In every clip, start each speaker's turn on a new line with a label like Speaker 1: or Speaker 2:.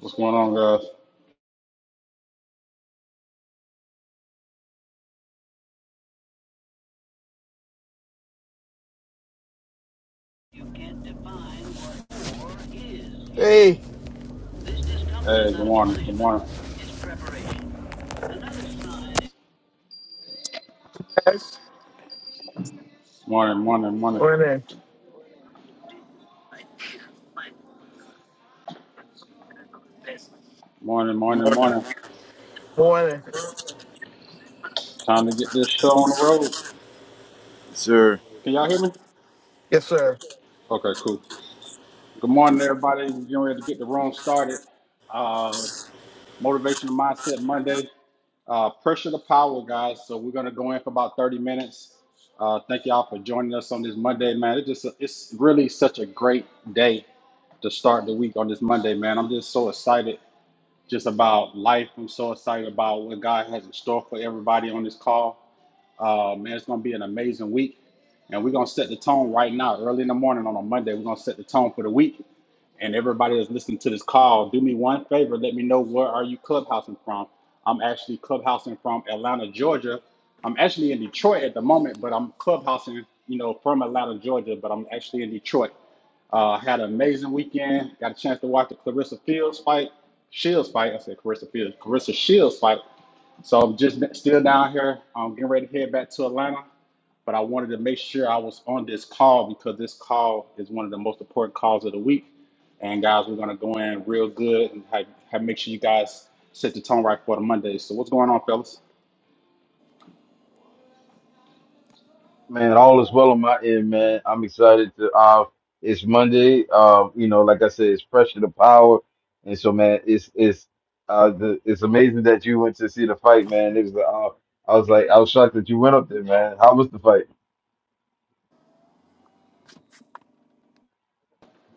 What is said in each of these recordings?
Speaker 1: What's going on, guys?
Speaker 2: This discomfort is
Speaker 1: Hey, good
Speaker 2: not a
Speaker 1: morning. Good
Speaker 2: punishment,
Speaker 1: morning.
Speaker 2: it's preparation. Not a sign.
Speaker 1: Morning, morning, morning.
Speaker 2: Morning.
Speaker 1: Morning, morning,
Speaker 3: Morning,
Speaker 1: morning.
Speaker 2: Morning.
Speaker 1: Time to get this show on the road.
Speaker 3: sir.
Speaker 1: Can y'all hear me?
Speaker 2: Yes, sir.
Speaker 1: Okay, cool. Good morning, everybody. We're getting ready to get the room started. Uh, Motivational Mindset Monday. Uh, pressure to power, guys. So we're gonna go in for about 30 minutes. Uh, thank y'all for joining us on this Monday, man. It just it's really such a great day to start the week on this Monday, man. I'm just so excited just about life. I'm so excited about what God has in store for everybody on this call. Uh, man, it's going to be an amazing week. And we're going to set the tone right now, early in the morning on a Monday. We're going to set the tone for the week. And everybody that's listening to this call, do me one favor. Let me know where are you clubhousing from. I'm actually clubhousing from Atlanta, Georgia. I'm actually in Detroit at the moment, but I'm clubhousing, you know, from Atlanta, Georgia, but I'm actually in Detroit. Uh, had an amazing weekend. Got a chance to watch the Clarissa Fields fight, Shields fight. I said Clarissa Fields, Clarissa Shields fight. So I'm just still down here. I'm getting ready to head back to Atlanta. But I wanted to make sure I was on this call because this call is one of the most important calls of the week. And guys, we're gonna go in real good and have, have make sure you guys set the tone right for the Monday. So what's going on, fellas?
Speaker 3: Man, all is well on my end, man. I'm excited to uh it's Monday. Uh, you know, like I said, it's pressure to power. And so man, it's it's uh the it's amazing that you went to see the fight, man. It was the uh, I was like I was shocked that you went up there, man. How was the fight?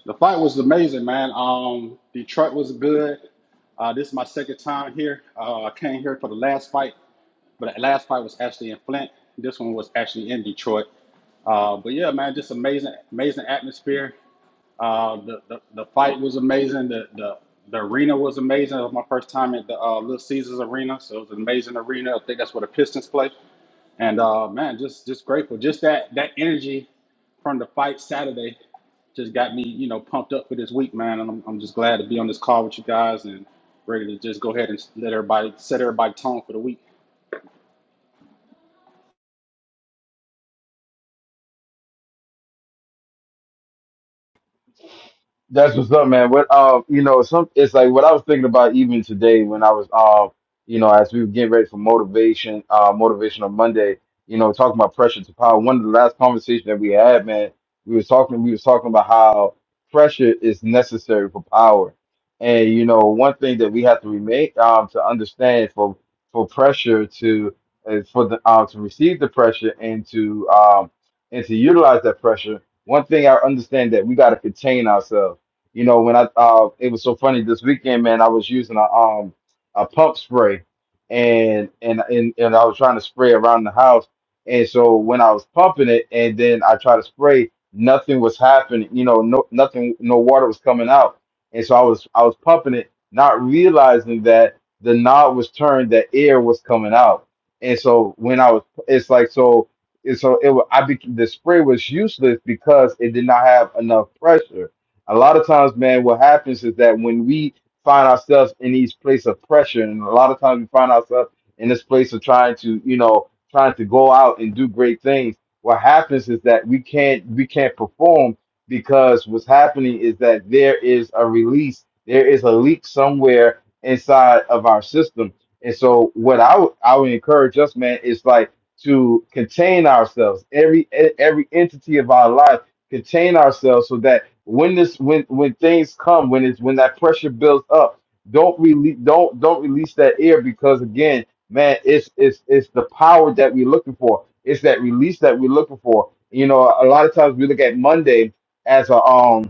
Speaker 1: The fight was amazing, man. Um, Detroit was good. Uh, this is my second time here. Uh, I came here for the last fight. But that last fight was actually in Flint. This one was actually in Detroit. Uh, but yeah, man, just amazing, amazing atmosphere. Uh, the, the the fight was amazing. The the the arena was amazing. It was my first time at the uh, Little Caesars Arena, so it was an amazing arena. I think that's where the Pistons play. And uh, man, just just grateful. Just that that energy from the fight Saturday just got me, you know, pumped up for this week, man. And I'm, I'm just glad to be on this call with you guys and ready to just go ahead and let everybody set everybody tone for the week.
Speaker 3: That's what's up, man. What uh, you know, some it's like what I was thinking about even today when I was uh, you know, as we were getting ready for motivation, uh, motivational Monday. You know, talking about pressure to power. One of the last conversations that we had, man, we was talking, we was talking about how pressure is necessary for power. And you know, one thing that we have to remain um to understand for for pressure to uh, for the uh, to receive the pressure and to um and to utilize that pressure. One thing I understand that we got to contain ourselves you know, when I uh, it was so funny this weekend, man. I was using a um a pump spray, and and and and I was trying to spray around the house. And so when I was pumping it, and then I tried to spray, nothing was happening. You know, no nothing, no water was coming out. And so I was I was pumping it, not realizing that the knob was turned, that air was coming out. And so when I was, it's like so, and so it wa- I became the spray was useless because it did not have enough pressure a lot of times, man, what happens is that when we find ourselves in these place of pressure, and a lot of times we find ourselves in this place of trying to, you know, trying to go out and do great things. What happens is that we can't we can't perform because what's happening is that there is a release, there is a leak somewhere inside of our system. And so, what I would I would encourage us, man, is like to contain ourselves every e, every entity of our life contain ourselves so that when this when when things come when it's when that pressure builds up don't release don't don't release that air because again man it's it's it's the power that we're looking for it's that release that we're looking for you know a lot of times we look at monday as a um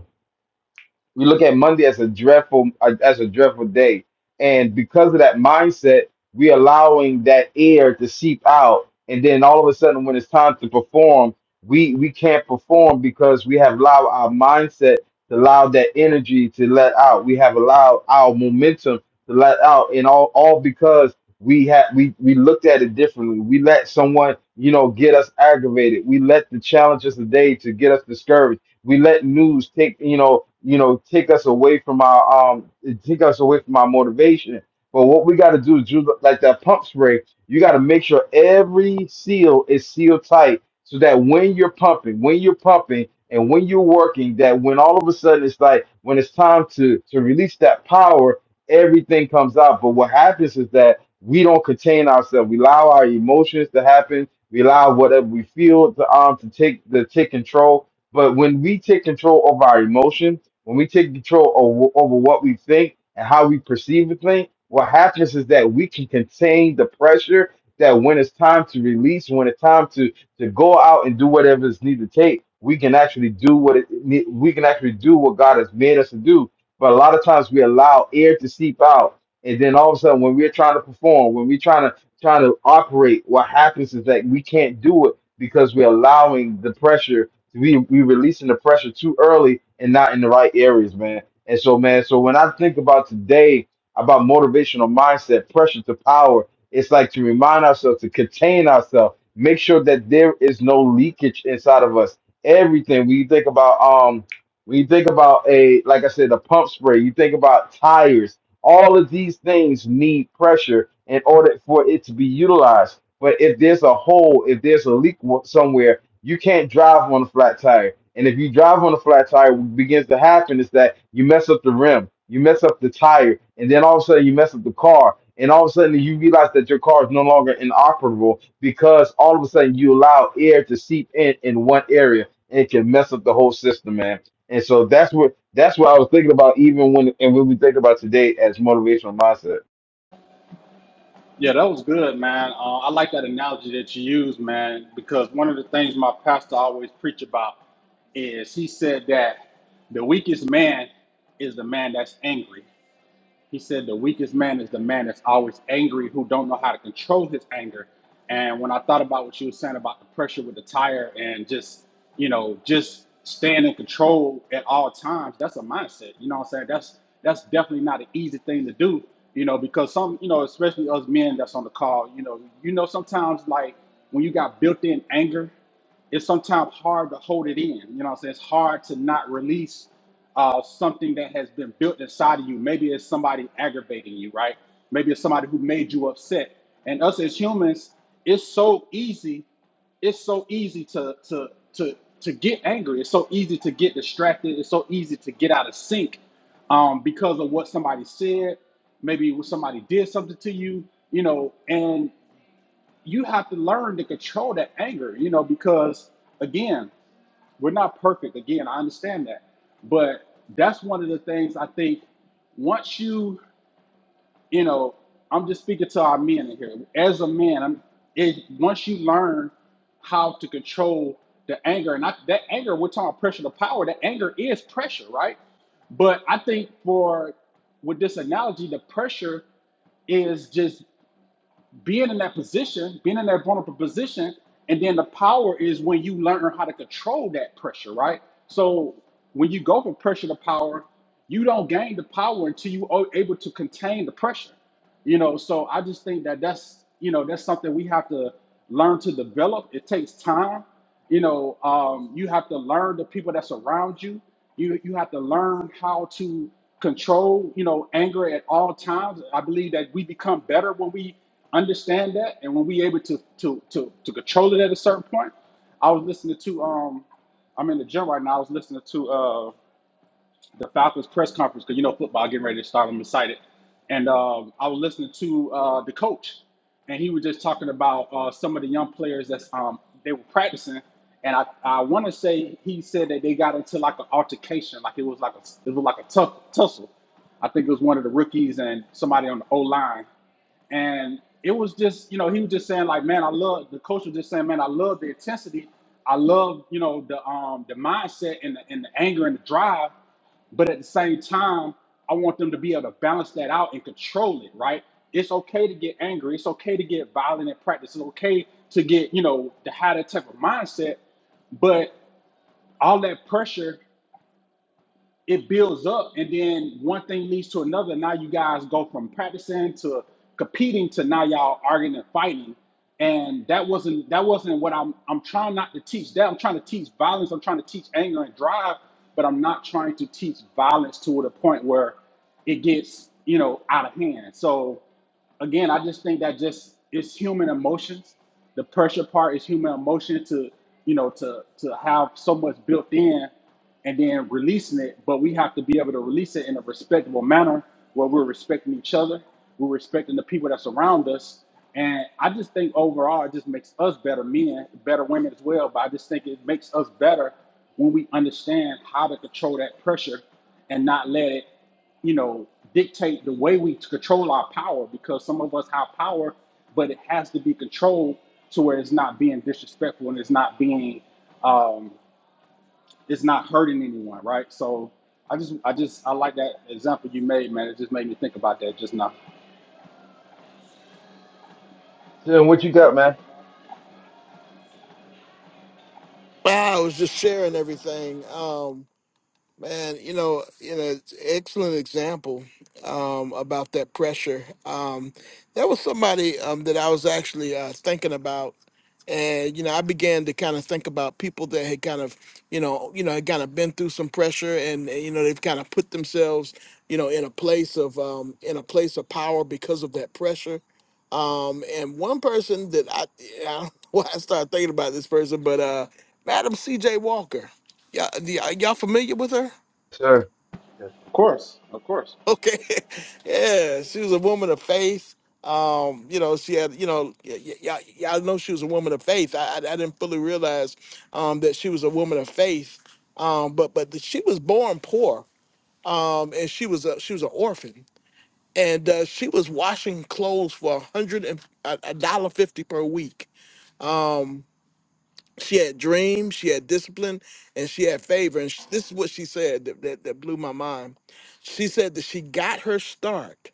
Speaker 3: we look at Monday as a dreadful as a dreadful day, and because of that mindset, we allowing that air to seep out, and then all of a sudden, when it's time to perform, we we can't perform because we have allowed our mindset to allow that energy to let out. We have allowed our momentum to let out, and all all because we had we we looked at it differently. We let someone you know get us aggravated. We let the challenges of the day to get us discouraged we let news take, you know, you know, take us away from our um take us away from our motivation. But what we gotta do is do like that pump spray, you gotta make sure every seal is sealed tight so that when you're pumping, when you're pumping and when you're working, that when all of a sudden it's like when it's time to to release that power, everything comes out. But what happens is that we don't contain ourselves. We allow our emotions to happen. We allow whatever we feel to um to take to take control but when we take control of our emotions, when we take control over, over what we think and how we perceive a thing, what happens is that we can contain the pressure that when it's time to release, when it's time to, to go out and do whatever is needed to take, we can actually do what it, ne- we can actually do what God has made us to do. But a lot of times we allow air to seep out. And then all of a sudden when we're trying to perform, when we're trying to trying to operate, what happens is that we can't do it because we're allowing the pressure we we releasing the pressure too early and not in the right areas, man. And so, man, so when I think about today about motivational mindset, pressure to power, it's like to remind ourselves to contain ourselves, make sure that there is no leakage inside of us. Everything when you think about um when you think about a like I said, a pump spray, you think about tires, all of these things need pressure in order for it to be utilized. But if there's a hole, if there's a leak somewhere, you can't drive on a flat tire. And if you drive on a flat tire, what begins to happen is that you mess up the rim, you mess up the tire, and then all of a sudden you mess up the car. And all of a sudden you realize that your car is no longer inoperable because all of a sudden you allow air to seep in in one area and it can mess up the whole system, man. And so that's what that's what I was thinking about even when and when we think about today as motivational mindset.
Speaker 1: Yeah, that was good, man. Uh, I like that analogy that you used, man, because one of the things my pastor always preach about is he said that the weakest man is the man that's angry. He said the weakest man is the man that's always angry who don't know how to control his anger. And when I thought about what you were saying about the pressure with the tire and just, you know, just staying in control at all times, that's a mindset. You know what I'm saying? That's that's definitely not an easy thing to do, you know, because some, you know, especially us men that's on the call, you know, you know sometimes like when you got built in anger it's sometimes hard to hold it in. You know what I'm saying? It's hard to not release uh, something that has been built inside of you. Maybe it's somebody aggravating you, right? Maybe it's somebody who made you upset. And us as humans, it's so easy, it's so easy to to to to get angry. It's so easy to get distracted. It's so easy to get out of sync um, because of what somebody said. Maybe somebody did something to you, you know, and you have to learn to control that anger, you know, because again, we're not perfect. Again, I understand that. But that's one of the things I think once you, you know, I'm just speaking to our men in here. As a man, I'm, it, once you learn how to control the anger, and I, that anger, we're talking pressure to power, that anger is pressure, right? But I think for, with this analogy, the pressure is just being in that position, being in that vulnerable position, and then the power is when you learn how to control that pressure, right? So when you go from pressure to power, you don't gain the power until you are able to contain the pressure. You know, so I just think that that's you know that's something we have to learn to develop. It takes time. You know, um, you have to learn the people that surround you. You you have to learn how to control you know anger at all times. I believe that we become better when we understand that and when we able to to to to control it at a certain point i was listening to um i'm in the gym right now i was listening to uh the Falcons press conference because you know football getting ready to start. I'm excited, and um, I was listening to uh, the coach, and he was just talking about uh, some of the young players that's um, they were practicing, and I, I want to say he said that they got into like an altercation, like it was like a it was like a tough tussle. I think it was one of the rookies and somebody on the O line, and it was just, you know, he was just saying like, man, I love the coach was just saying, man, I love the intensity, I love, you know, the um the mindset and the, and the anger and the drive. But at the same time, I want them to be able to balance that out and control it, right? It's okay to get angry. It's okay to get violent in practice. It's okay to get, you know, to have that type of mindset. But all that pressure it builds up and then one thing leads to another now you guys go from practicing to competing to now y'all arguing and fighting and that wasn't that wasn't what i'm i'm trying not to teach that i'm trying to teach violence i'm trying to teach anger and drive but i'm not trying to teach violence to the point where it gets you know out of hand so again, I just think that just it's human emotions. The pressure part is human emotion to you know to to have so much built in and then releasing it, but we have to be able to release it in a respectable manner where we're respecting each other, we're respecting the people that surround us. And I just think overall it just makes us better men, better women as well. But I just think it makes us better when we understand how to control that pressure and not let it you know, dictate the way we control our power because some of us have power, but it has to be controlled to where it's not being disrespectful and it's not being, um, it's not hurting anyone, right? So I just, I just, I like that example you made, man. It just made me think about that just now.
Speaker 3: So what you got, man?
Speaker 2: Ah, I was just sharing everything. Um, Man, you know, you know, it's an excellent example um, about that pressure. Um, there was somebody um, that I was actually uh, thinking about, and you know, I began to kind of think about people that had kind of, you know, you know, had kind of been through some pressure, and and, you know, they've kind of put themselves, you know, in a place of um, in a place of power because of that pressure. Um, and one person that I, I don't know why I started thinking about this person, but uh, Madam C.J. Walker. Yeah, y'all y'all familiar with her?
Speaker 3: Sure.
Speaker 1: Of course, of course.
Speaker 2: okay yeah she was a woman of faith um you know she had you know y- y- y'all y'all know she was a woman of faith i, I, I didn't fully realize um that she was a woman of faith um but but she was born poor um and she was a she was an orphan and uh, she was washing clothes for a hundred and a a dollar fifty per week Um, she had dreams, she had discipline, and she had favor. And sh- this is what she said that, that, that blew my mind. She said that she got her start.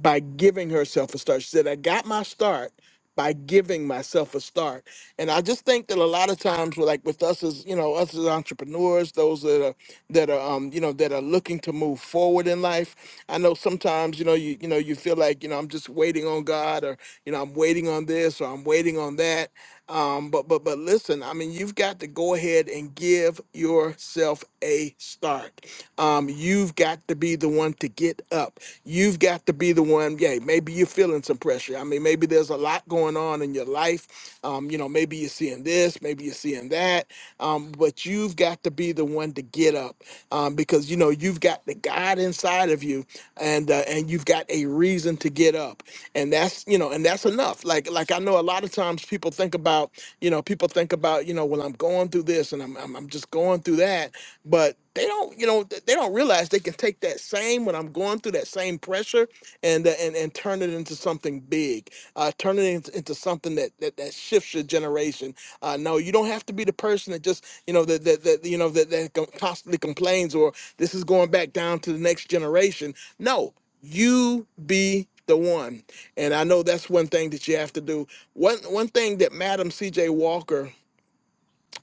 Speaker 2: by giving herself a start. She said, I got my start by giving myself a start. And I just think that a lot of times we're like with us as, you know, us as entrepreneurs, those that are that are um, you know, that are looking to move forward in life. I know sometimes, you know, you you know, you feel like, you know, I'm just waiting on God or, you know, I'm waiting on this or I'm waiting on that. Um, but but but listen, I mean, you've got to go ahead and give yourself a start. Um, you've got to got to be the one to get up. You've got to be the one. Yeah, maybe you're feeling some pressure. I mean, maybe there's a lot going on in your life. Um, you know, maybe you're seeing this, maybe you're seeing that. Um, but you've got to be the one to get up um, because you know you've got the God inside of you, and uh, and you've got a reason to get up, and that's you know, and that's enough. Like like I know a lot of times people think about you know people think about you know well I'm going through this and I'm I'm, I'm just going through that but they don't you know th- they don't realize they can take that same when i'm going through that same pressure and uh, and, and turn it into something big uh, turn it into, into something that, that that shifts your generation uh, no you don't have to be the person that just you know that that, that you know that, that co- constantly complains or this is going back down to the next generation no you be the one and i know that's one thing that you have to do one one thing that madam cj walker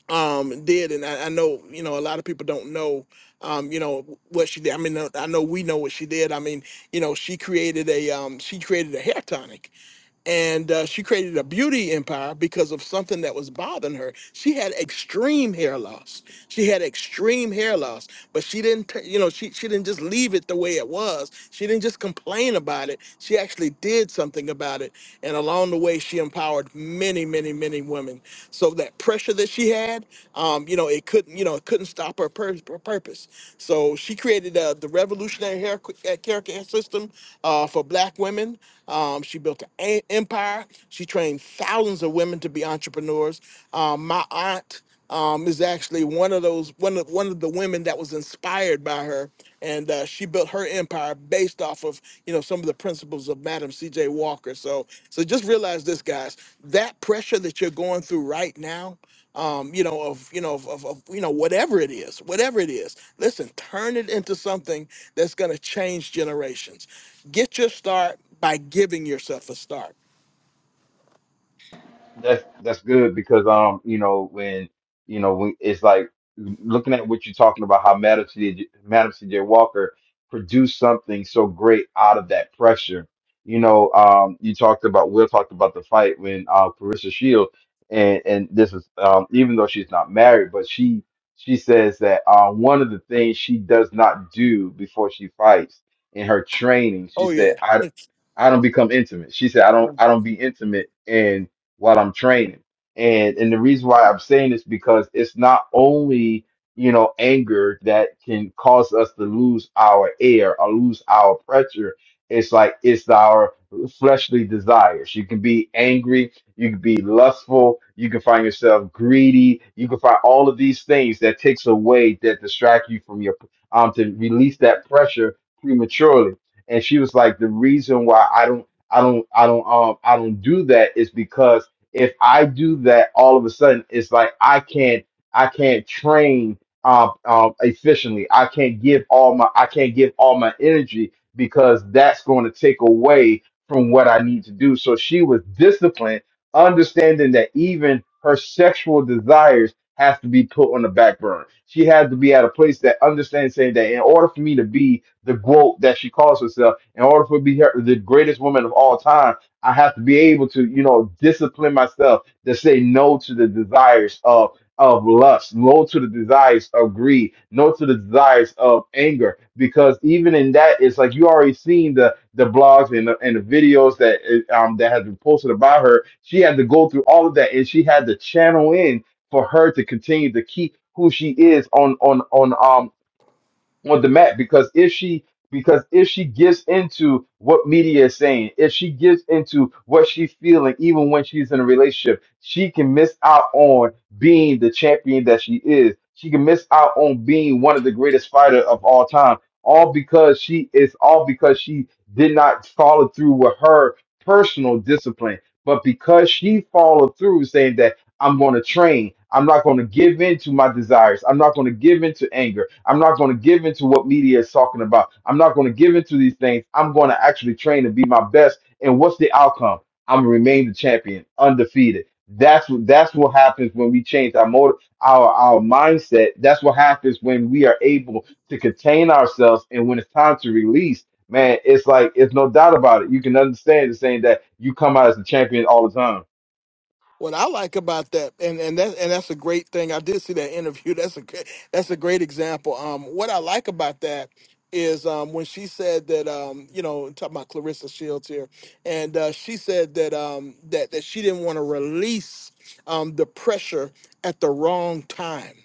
Speaker 2: um did and I, I know you know a lot of people don't know um you know what she did i mean uh, i know we know what she did i mean you know she created a um she created a hair tonic and uh, she created a beauty empire because of something that was bothering her. She had extreme hair loss. She had extreme hair loss, but she didn't, t- you know, she she didn't just leave it the way it was. She didn't just complain about it. She actually did something about it, and along the way, she empowered many, many, many women. So that pressure that she had, um, you know, it couldn't, you know, it couldn't stop her, pur- her purpose. So she created uh, the revolutionary hair qu- uh, care care system uh, for Black women. Um, she built an a- empire. She trained thousands of women to be entrepreneurs. Um, my aunt um, is actually one of those one of one of the women that was inspired by her, and uh, she built her empire based off of you know some of the principles of Madam C.J. Walker. So so just realize this, guys, that pressure that you're going through right now, um, you know of you know of, of, of you know whatever it is, whatever it is, listen, turn it into something that's going to change generations. Get your start by giving yourself a start.
Speaker 3: That's that's good because um you know when you know when it's like looking at what you're talking about how Madam C.J. Madam C.J. Walker produced something so great out of that pressure. You know, um, you talked about Will talked about the fight when uh, Clarissa Shields and and this is um, even though she's not married, but she she says that uh, one of the things she does not do before she fights in her training, she
Speaker 2: Oh yeah.
Speaker 3: said, I. I don't become intimate. She said, I don't
Speaker 2: Right.
Speaker 3: I don't be intimate and while I'm training. And and the reason why I'm saying this because it's not only, you know, anger that can cause us to lose our air or lose our pressure. It's like it's our fleshly desires. You can be angry, you can be lustful, you can find yourself greedy, you can find all of these things that takes away that distract you from your um to release that pressure prematurely and she was like the reason why i don't i don't i don't um i don't do that is because if i do that all of a sudden it's like i can't i can't train um, um efficiently i can't give all my i can't give all my energy because that's going to take away from what i need to do so she was disciplined understanding that even her sexual desires has to be put on the back burner she had to be at a place that understands saying that in order for me to be the quote that she calls herself. In order for be her, the greatest woman of all time, I have to be able to, you know, discipline myself to say no to the desires of of lust, no to the desires of greed, no to the desires of anger. Because even in that, it's like you already seen the the blogs and the, and the videos that uh, um that has been posted about her. She had to go through all of that, and she had to channel in for her to continue to keep who she is on on on um on the mat because if she because if she gives into what media is saying, if she gives into what she's feeling, even when she's in a relationship, she can miss out on being the champion that she is. She can miss out on being one of the greatest fighter of all time, all because she is all because she did not follow through with her personal discipline. But because she followed through, saying that I'm going to train. I'm not going to give in to my desires. I'm not going to give in to anger. I'm not going to give in to what media is talking about. I'm not going to give in to these things. I'm going to actually train and be my best. And what's the outcome? I'm gonna remain the champion, undefeated. That's what that's what happens when we change our motive, our our mindset. That's what happens when we are able to contain ourselves and when it's time to release. Man, it's like it's no doubt about it. You can understand the saying that you come out as a champion all the time
Speaker 2: What I like about that, and and that and that's a great thing. I did see that interview. That's a good- that's a great example. Um, what I like about that is um when she said that um you know talking about Clarissa Shields here, and uh, she said that um that that she didn't want to release um the pressure at the wrong time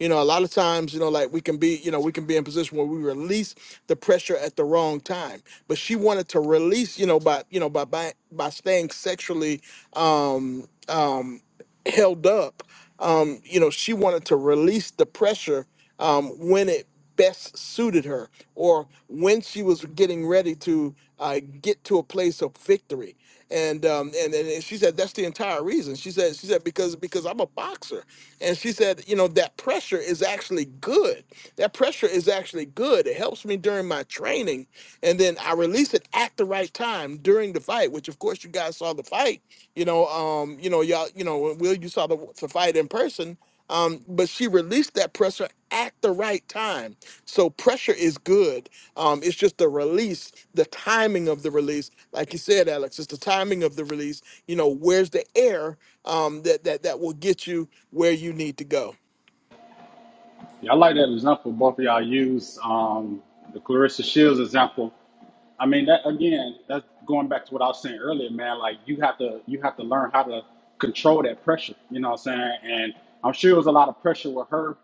Speaker 2: You know, a lot of times, you know, like we can be, you know, we can be in position where we release the pressure at the wrong time. But she wanted to release, you know, by you know by by by staying sexually um um held up, um, you know, she wanted to release the pressure um, when it best suited her or when she was getting ready to uh, get to a place of victory. And, um, and and she said that's the entire reason. She said she said because because I'm a boxer, and she said you know that pressure is actually good. That pressure is actually good. It helps me during my training, and then I released it at the right time during the fight, which of course you guys saw the fight. You know, um, you know, y'all, you know, Will, you saw the, the fight in person. Um, but she released that pressure at the right time. So pressure is good. Um, it's just the release, the timing of the release. Like you said, Alex, it's the timing of the release. You know, where's the air um, that that that will get you where you need to go?
Speaker 1: Yeah, I like that example both of y'all use, um, the Clarissa Shields example I mean that again, that's going back to what I was saying earlier, man. Like you have to you have to learn how to control that pressure. You know what I'm saying? And I'm sure it was a lot of pressure with her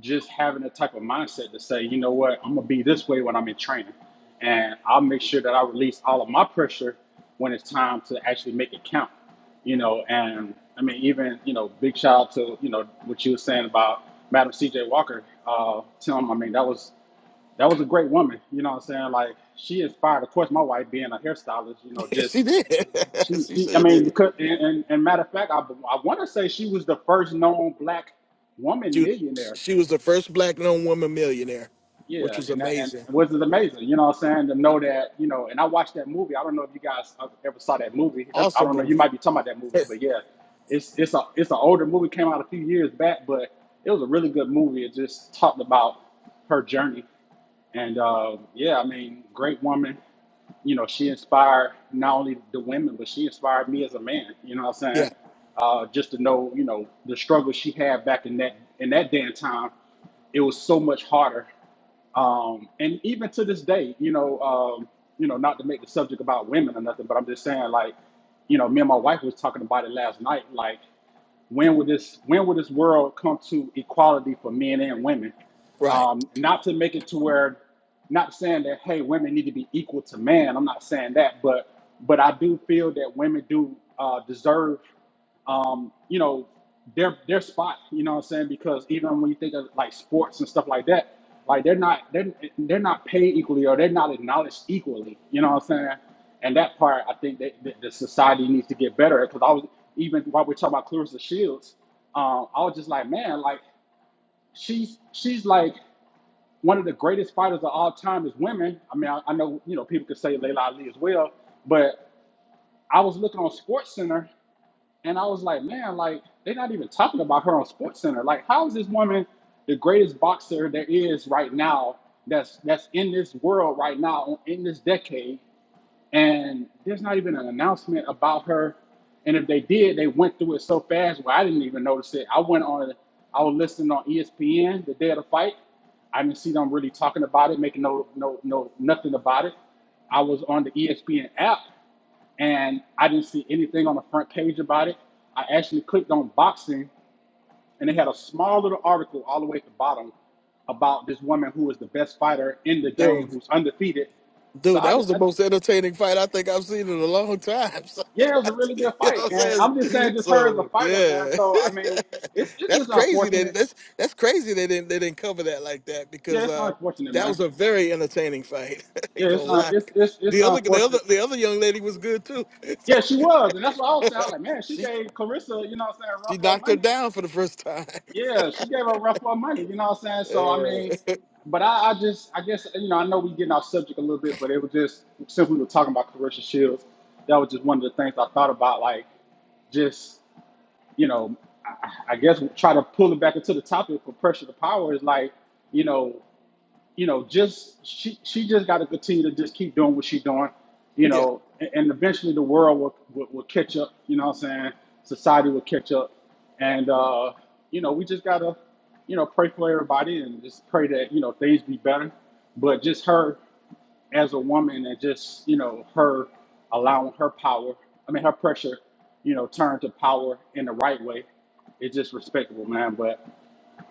Speaker 1: just having the type of mindset to say, you know what, I'm gonna be this way when I'm in training. And I'll make sure that I release all of my pressure when it's time to actually make it count. You know, and I mean even, you know, big shout out to, you know, what you were saying about Madam CJ Walker, uh, Tim, I mean that was that was a great woman. You know what I'm saying? Like she inspired, of course, my wife being a hairstylist. You know,
Speaker 2: she
Speaker 1: just
Speaker 2: did.
Speaker 1: she.
Speaker 2: she
Speaker 1: she I
Speaker 2: said
Speaker 1: mean,
Speaker 2: it.
Speaker 1: because- and, and, and matter of fact, I, I want to say she was the first known black woman
Speaker 2: She,
Speaker 1: millionaire.
Speaker 2: she was the first black known woman millionaire, which
Speaker 1: Yeah,
Speaker 2: was
Speaker 1: and that, and
Speaker 2: amazing.
Speaker 1: it was amazing, you know what I'm saying, to know that, you know, and I watched that movie. I don't know if you guys ever saw that movie. That, I
Speaker 2: Awesome
Speaker 1: don't know, you
Speaker 2: movie.
Speaker 1: might be talking about that movie, but yeah, it's it's a it's an older movie came out a few years back, but it was a really good movie. It just talked about her journey. And uh, yeah, I mean, great woman. You know, she inspired not only the women, but she inspired me as a man. You know what I'm saying?
Speaker 2: yeah,
Speaker 1: Uh, just to know, you know, the struggle she had back in that in that damn time, it was so much harder um, and even to this day, you know, um, you know, not to make the subject about women or nothing, but I'm just saying, like, you know, me and my wife was talking about it last night. Like, when will this when will this world come to equality for men and women?
Speaker 2: right.
Speaker 1: Um, not to make it to where, not saying that hey, women need to be equal to man. I'm not saying that, but but I do feel that women do uh, deserve um, you know, their their spot. You know what I'm saying? Because even when you think of like sports and stuff like that, like they're not they're they're not paid equally or they're not acknowledged equally. You know what I'm saying? And that part, I think that, that the society needs to get better at. Because I was even while we're talking about Clarissa Shields, um, I was just like, man, like she's she's like one of the greatest fighters of all time is women. I mean, I, I know you know people could say Layla Ali as well, but I was looking on Sports Center and I was like, man, like they're not even talking about her on SportsCenter. Like, how is this woman the greatest boxer there is right now? That's that's in this world right now, in this decade, and there's not even an announcement about her. And if they did, they went through it so fast where I didn't even notice it. I went on, I was listening on ESPN the day of the fight. I didn't see them really talking about it, making no no no nothing about it. I was on the ESPN app and I didn't see anything on the front page about it. I actually clicked on boxing, and they had a small little article all the way at the bottom about this woman who is the best fighter in the game,
Speaker 2: Dude,
Speaker 1: who's undefeated. So
Speaker 2: dude,
Speaker 1: I,
Speaker 2: that was the
Speaker 1: I
Speaker 2: most entertaining fight I think I've seen in a long time. So,
Speaker 1: yeah, it was a really
Speaker 2: you
Speaker 1: good
Speaker 2: know
Speaker 1: fight,
Speaker 2: what
Speaker 1: and I'm
Speaker 2: I'm
Speaker 1: just
Speaker 2: saying?
Speaker 1: saying, just her as a
Speaker 2: So
Speaker 1: fighter, man.
Speaker 2: yeah,
Speaker 1: So I mean, it's it's
Speaker 2: that's
Speaker 1: just
Speaker 2: crazy. That
Speaker 1: unfortunate.
Speaker 2: that's that's crazy. They didn't they didn't cover that like that
Speaker 1: Yeah,
Speaker 2: because
Speaker 1: it's
Speaker 2: uh,
Speaker 1: unfortunate,
Speaker 2: that
Speaker 1: man.
Speaker 2: was a very entertaining fight. I
Speaker 1: Yeah,
Speaker 2: ain't gonna
Speaker 1: it's un,
Speaker 2: lie.
Speaker 1: it's, it's it's
Speaker 2: The other the other
Speaker 1: unfortunate.
Speaker 2: the other young lady was good too. So,
Speaker 1: Yeah, she was, and that's what I was saying. I was like, man, she
Speaker 2: she
Speaker 1: gave Clarissa, you know, what I'm saying, a run
Speaker 2: she
Speaker 1: for her
Speaker 2: knocked her
Speaker 1: money.
Speaker 2: down for the first time.
Speaker 1: Yeah, she gave her a rough lot of money, you know what I'm saying? So I
Speaker 2: Yeah.
Speaker 1: mean, but I, I just I guess you know, I know we getting off subject a little bit, but it was just since we were talking about Clarissa Shields, that was just one of the things I thought about, like just, you know, I, I guess try to pull it back into the topic for pressure to power is like, you know you know, just she she just got to continue to just keep doing what she's doing, you
Speaker 2: Yeah.
Speaker 1: know, and, and eventually the world will, will will catch up. You know what I'm saying? Society will catch up, and uh, you know, we just gotta, you know, pray for everybody and just pray that you know things be better. But just her as a woman and just you know her allowing her power, I mean her pressure, you know, turn to power in the right way. It's just respectable, man. But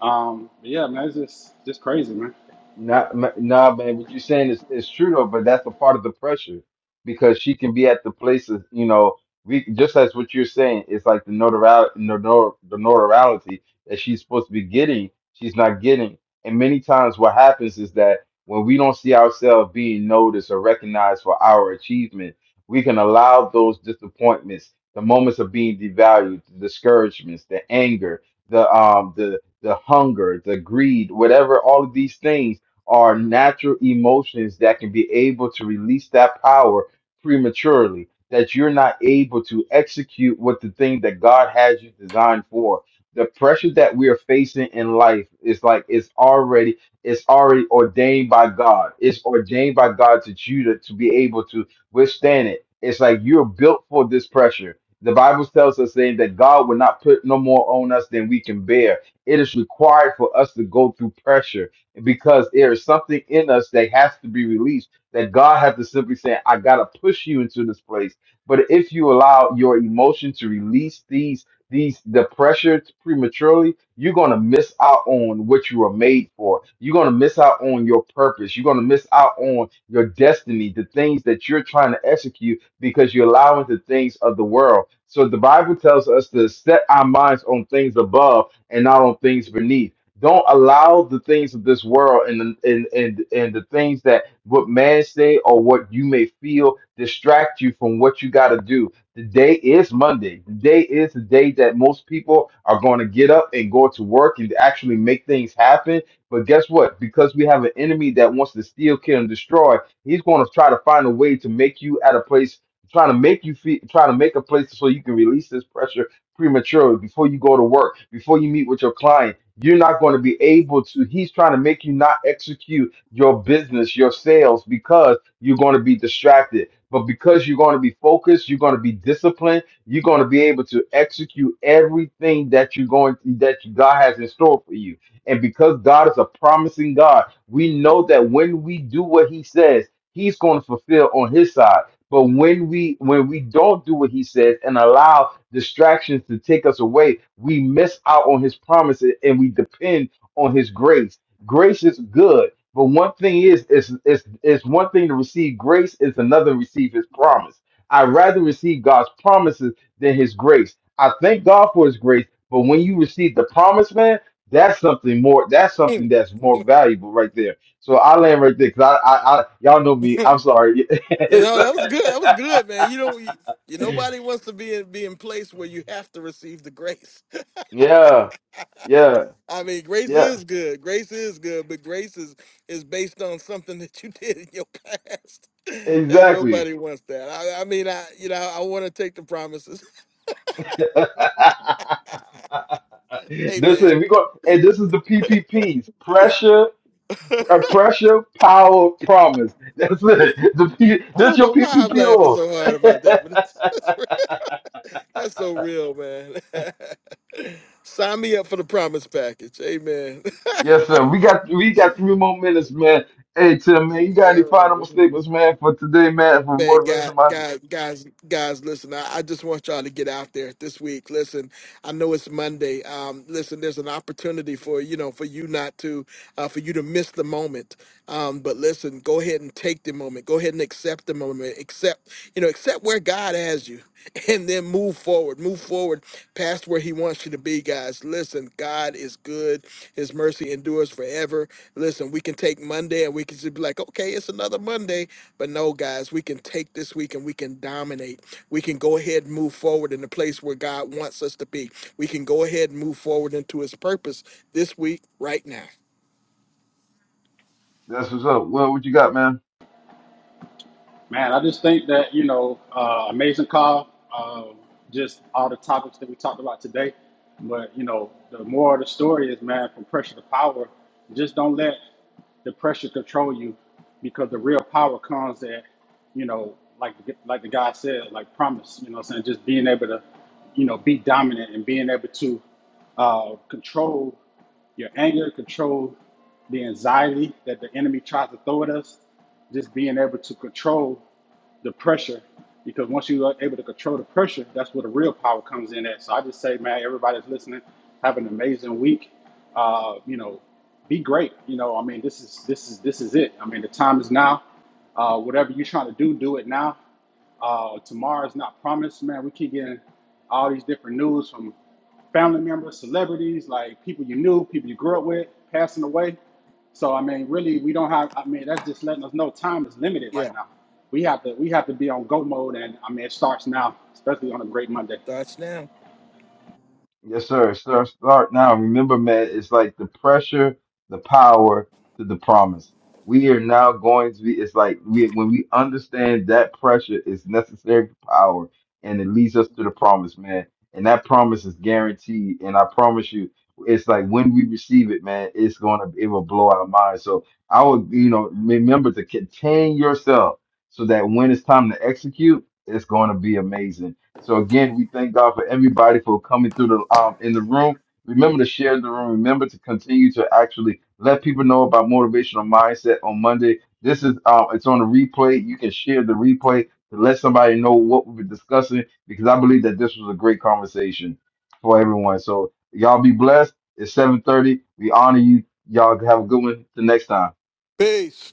Speaker 1: um, yeah, man, it's just just crazy, man.
Speaker 3: Not, m- nah, man. What you're saying is, is true though, but that's a part of the pressure because she can be at the places, you know. We just as what you're saying, it's like the notoriety, the nor- the notoriety that she's supposed to be getting, she's not getting. And many times, what happens is that when we don't see ourselves being noticed or recognized for our achievement, we can allow those disappointments, the moments of being devalued, the discouragements, the anger, the um, the the hunger, the greed, whatever, all of these things are natural emotions that can be able to release that power prematurely, that you're not able to execute what the thing that God has you designed for. The pressure that we are facing in life is like it's already it's already ordained by God. It's ordained by God to you to, to be able to withstand it. It's like you're built for this pressure. The Bible tells us saying that God will not put no more on us than we can bear. It is required for us to go through pressure because there is something in us that has to be released that God has to simply say, I gotta push you into this place. But if you allow your emotion to release these these the pressure prematurely, you're gonna miss out on what you were made for. You're gonna miss out on your purpose. You're gonna miss out on your destiny, the things that you're trying to execute because you're allowing the things of the world. So the Bible tells us to set our minds on things above and not on things beneath don't allow the things of this world and the, and, and and the things that what man say or what you may feel distract you from what you got to do. Today is Monday. Today is the day that most people are going to get up and go to work and actually make things happen. But guess what? Because we have an enemy that wants to steal, kill, and destroy, he's going to try to find a way to make you at a place, trying to make you feel, trying to make a place so you can release this pressure prematurely before you go to work, before you meet with your client you're not going to be able to. He's trying to make you not execute your business, your sales, because you're going to be distracted. But because you're going to be focused, you're going to be disciplined. You're going to be able to execute everything that you're going that God has in store for you. And because God is a promising God, we know that when we do what He says, He's going to fulfill on His side but when we when we don't do what he says and allow distractions to take us away, we miss out on his promises and we depend on his grace. Grace is good, but one thing is is is is one thing to receive grace is another to receive his promise. I'd rather receive God's promises than his grace. I thank God for his grace, but when you receive the promise, man, that's something more that's something
Speaker 2: you
Speaker 3: that's more
Speaker 2: know,
Speaker 3: valuable right there. So I land right there because I, I, I, y'all know me. I'm sorry.
Speaker 2: that was good. That was good, man. You don't you, you nobody wants to be in be in place where you have to receive the grace.
Speaker 3: yeah, yeah,
Speaker 2: I mean, grace
Speaker 3: yeah.
Speaker 2: is good. Grace is good, but grace is is based on something that you did in your past. And
Speaker 3: Exactly.
Speaker 2: nobody wants that. I, I mean, I you know, I want to take the promises. Hey, man,
Speaker 3: Listen, we go, and this is the PPPs: pressure, uh, pressure, power, promise. That's it. The P,
Speaker 2: I
Speaker 3: this
Speaker 2: don't
Speaker 3: your
Speaker 2: know why I'm
Speaker 3: PPP
Speaker 2: laughing
Speaker 3: law.
Speaker 2: so hard about that, but it's, that's that's so real, man. Sign me up for the promise package. Amen.
Speaker 3: yes, sir. We got, we got three more minutes, man. Hey, Tim, man, you got any final statements, man, for today, man, for
Speaker 2: Man, guys,
Speaker 3: motivation,
Speaker 2: guys, guys, guys, listen, I, I just want y'all to get out there this week. Listen, I know it's Monday. Um, listen, there's an opportunity for, you know, for you not to, uh, for you to miss the moment. Um, but listen, go ahead and take the moment. Go ahead and accept the moment. Accept, you know, accept where God has you and then move forward. Move forward past where he wants you to be, guys. Listen, God is good. His mercy endures forever. Listen, we can take Monday and we can just be like, okay, it's another Monday. But no, guys, we can take this week and we can dominate. We can go ahead and move forward in the place where God wants us to be. We can go ahead and move forward into his purpose this week, right now.
Speaker 3: That's what's up. Well, what you got, man?
Speaker 1: Man, I just think that, you know, uh, amazing call, uh, just all the topics that we talked about today. But, you know, the more of the story is, man, from pressure to power, just don't let the pressure control you because the real power comes at, you know, like like the guy said, like promise, you know what I'm saying? Just being able to, you know, be dominant and being able to uh, control your anger, control the anxiety that the enemy tries to throw at us, just being able to control the pressure because once you're able to control the pressure, that's where the real power comes in at. So I just say, man, everybody's listening. Have an amazing week. Uh, you know, be great. You know, I mean, this is this is this is it. I mean, the time is now. Uh, whatever you're trying to do, do it now. Uh, tomorrow is not promised, man. We keep getting all these different news from family members, celebrities, like people you knew, people you grew up with, passing away. So I mean, really, we don't have. I mean, that's just letting us know time is limited right
Speaker 2: Yeah,
Speaker 1: now. We have to we have to be on go mode, and I mean, it starts now, especially on a great Monday.
Speaker 2: starts now.
Speaker 3: Yes, sir. Start, start now. Remember, man, it's like the pressure, the power to the promise. We are now going to be, it's like we, when we understand that pressure is necessary power and it leads us to the promise, man. And that promise is guaranteed. And I promise you, it's like when we receive it, man, it's going to, it will blow our mind. So I would, you know, remember to contain yourself so that when it's time to execute, it's going to be amazing So again, we thank God for everybody for coming through the um in the room. Remember to share the room. Remember to continue to actually let people know about motivational mindset on Monday. This is um it's on a replay. You can share the replay to let somebody know what we were discussing because I believe that this was a great conversation for everyone. So y'all be blessed. It's 7:30. We honor you. Y'all have a good one. Till next time.
Speaker 2: Peace.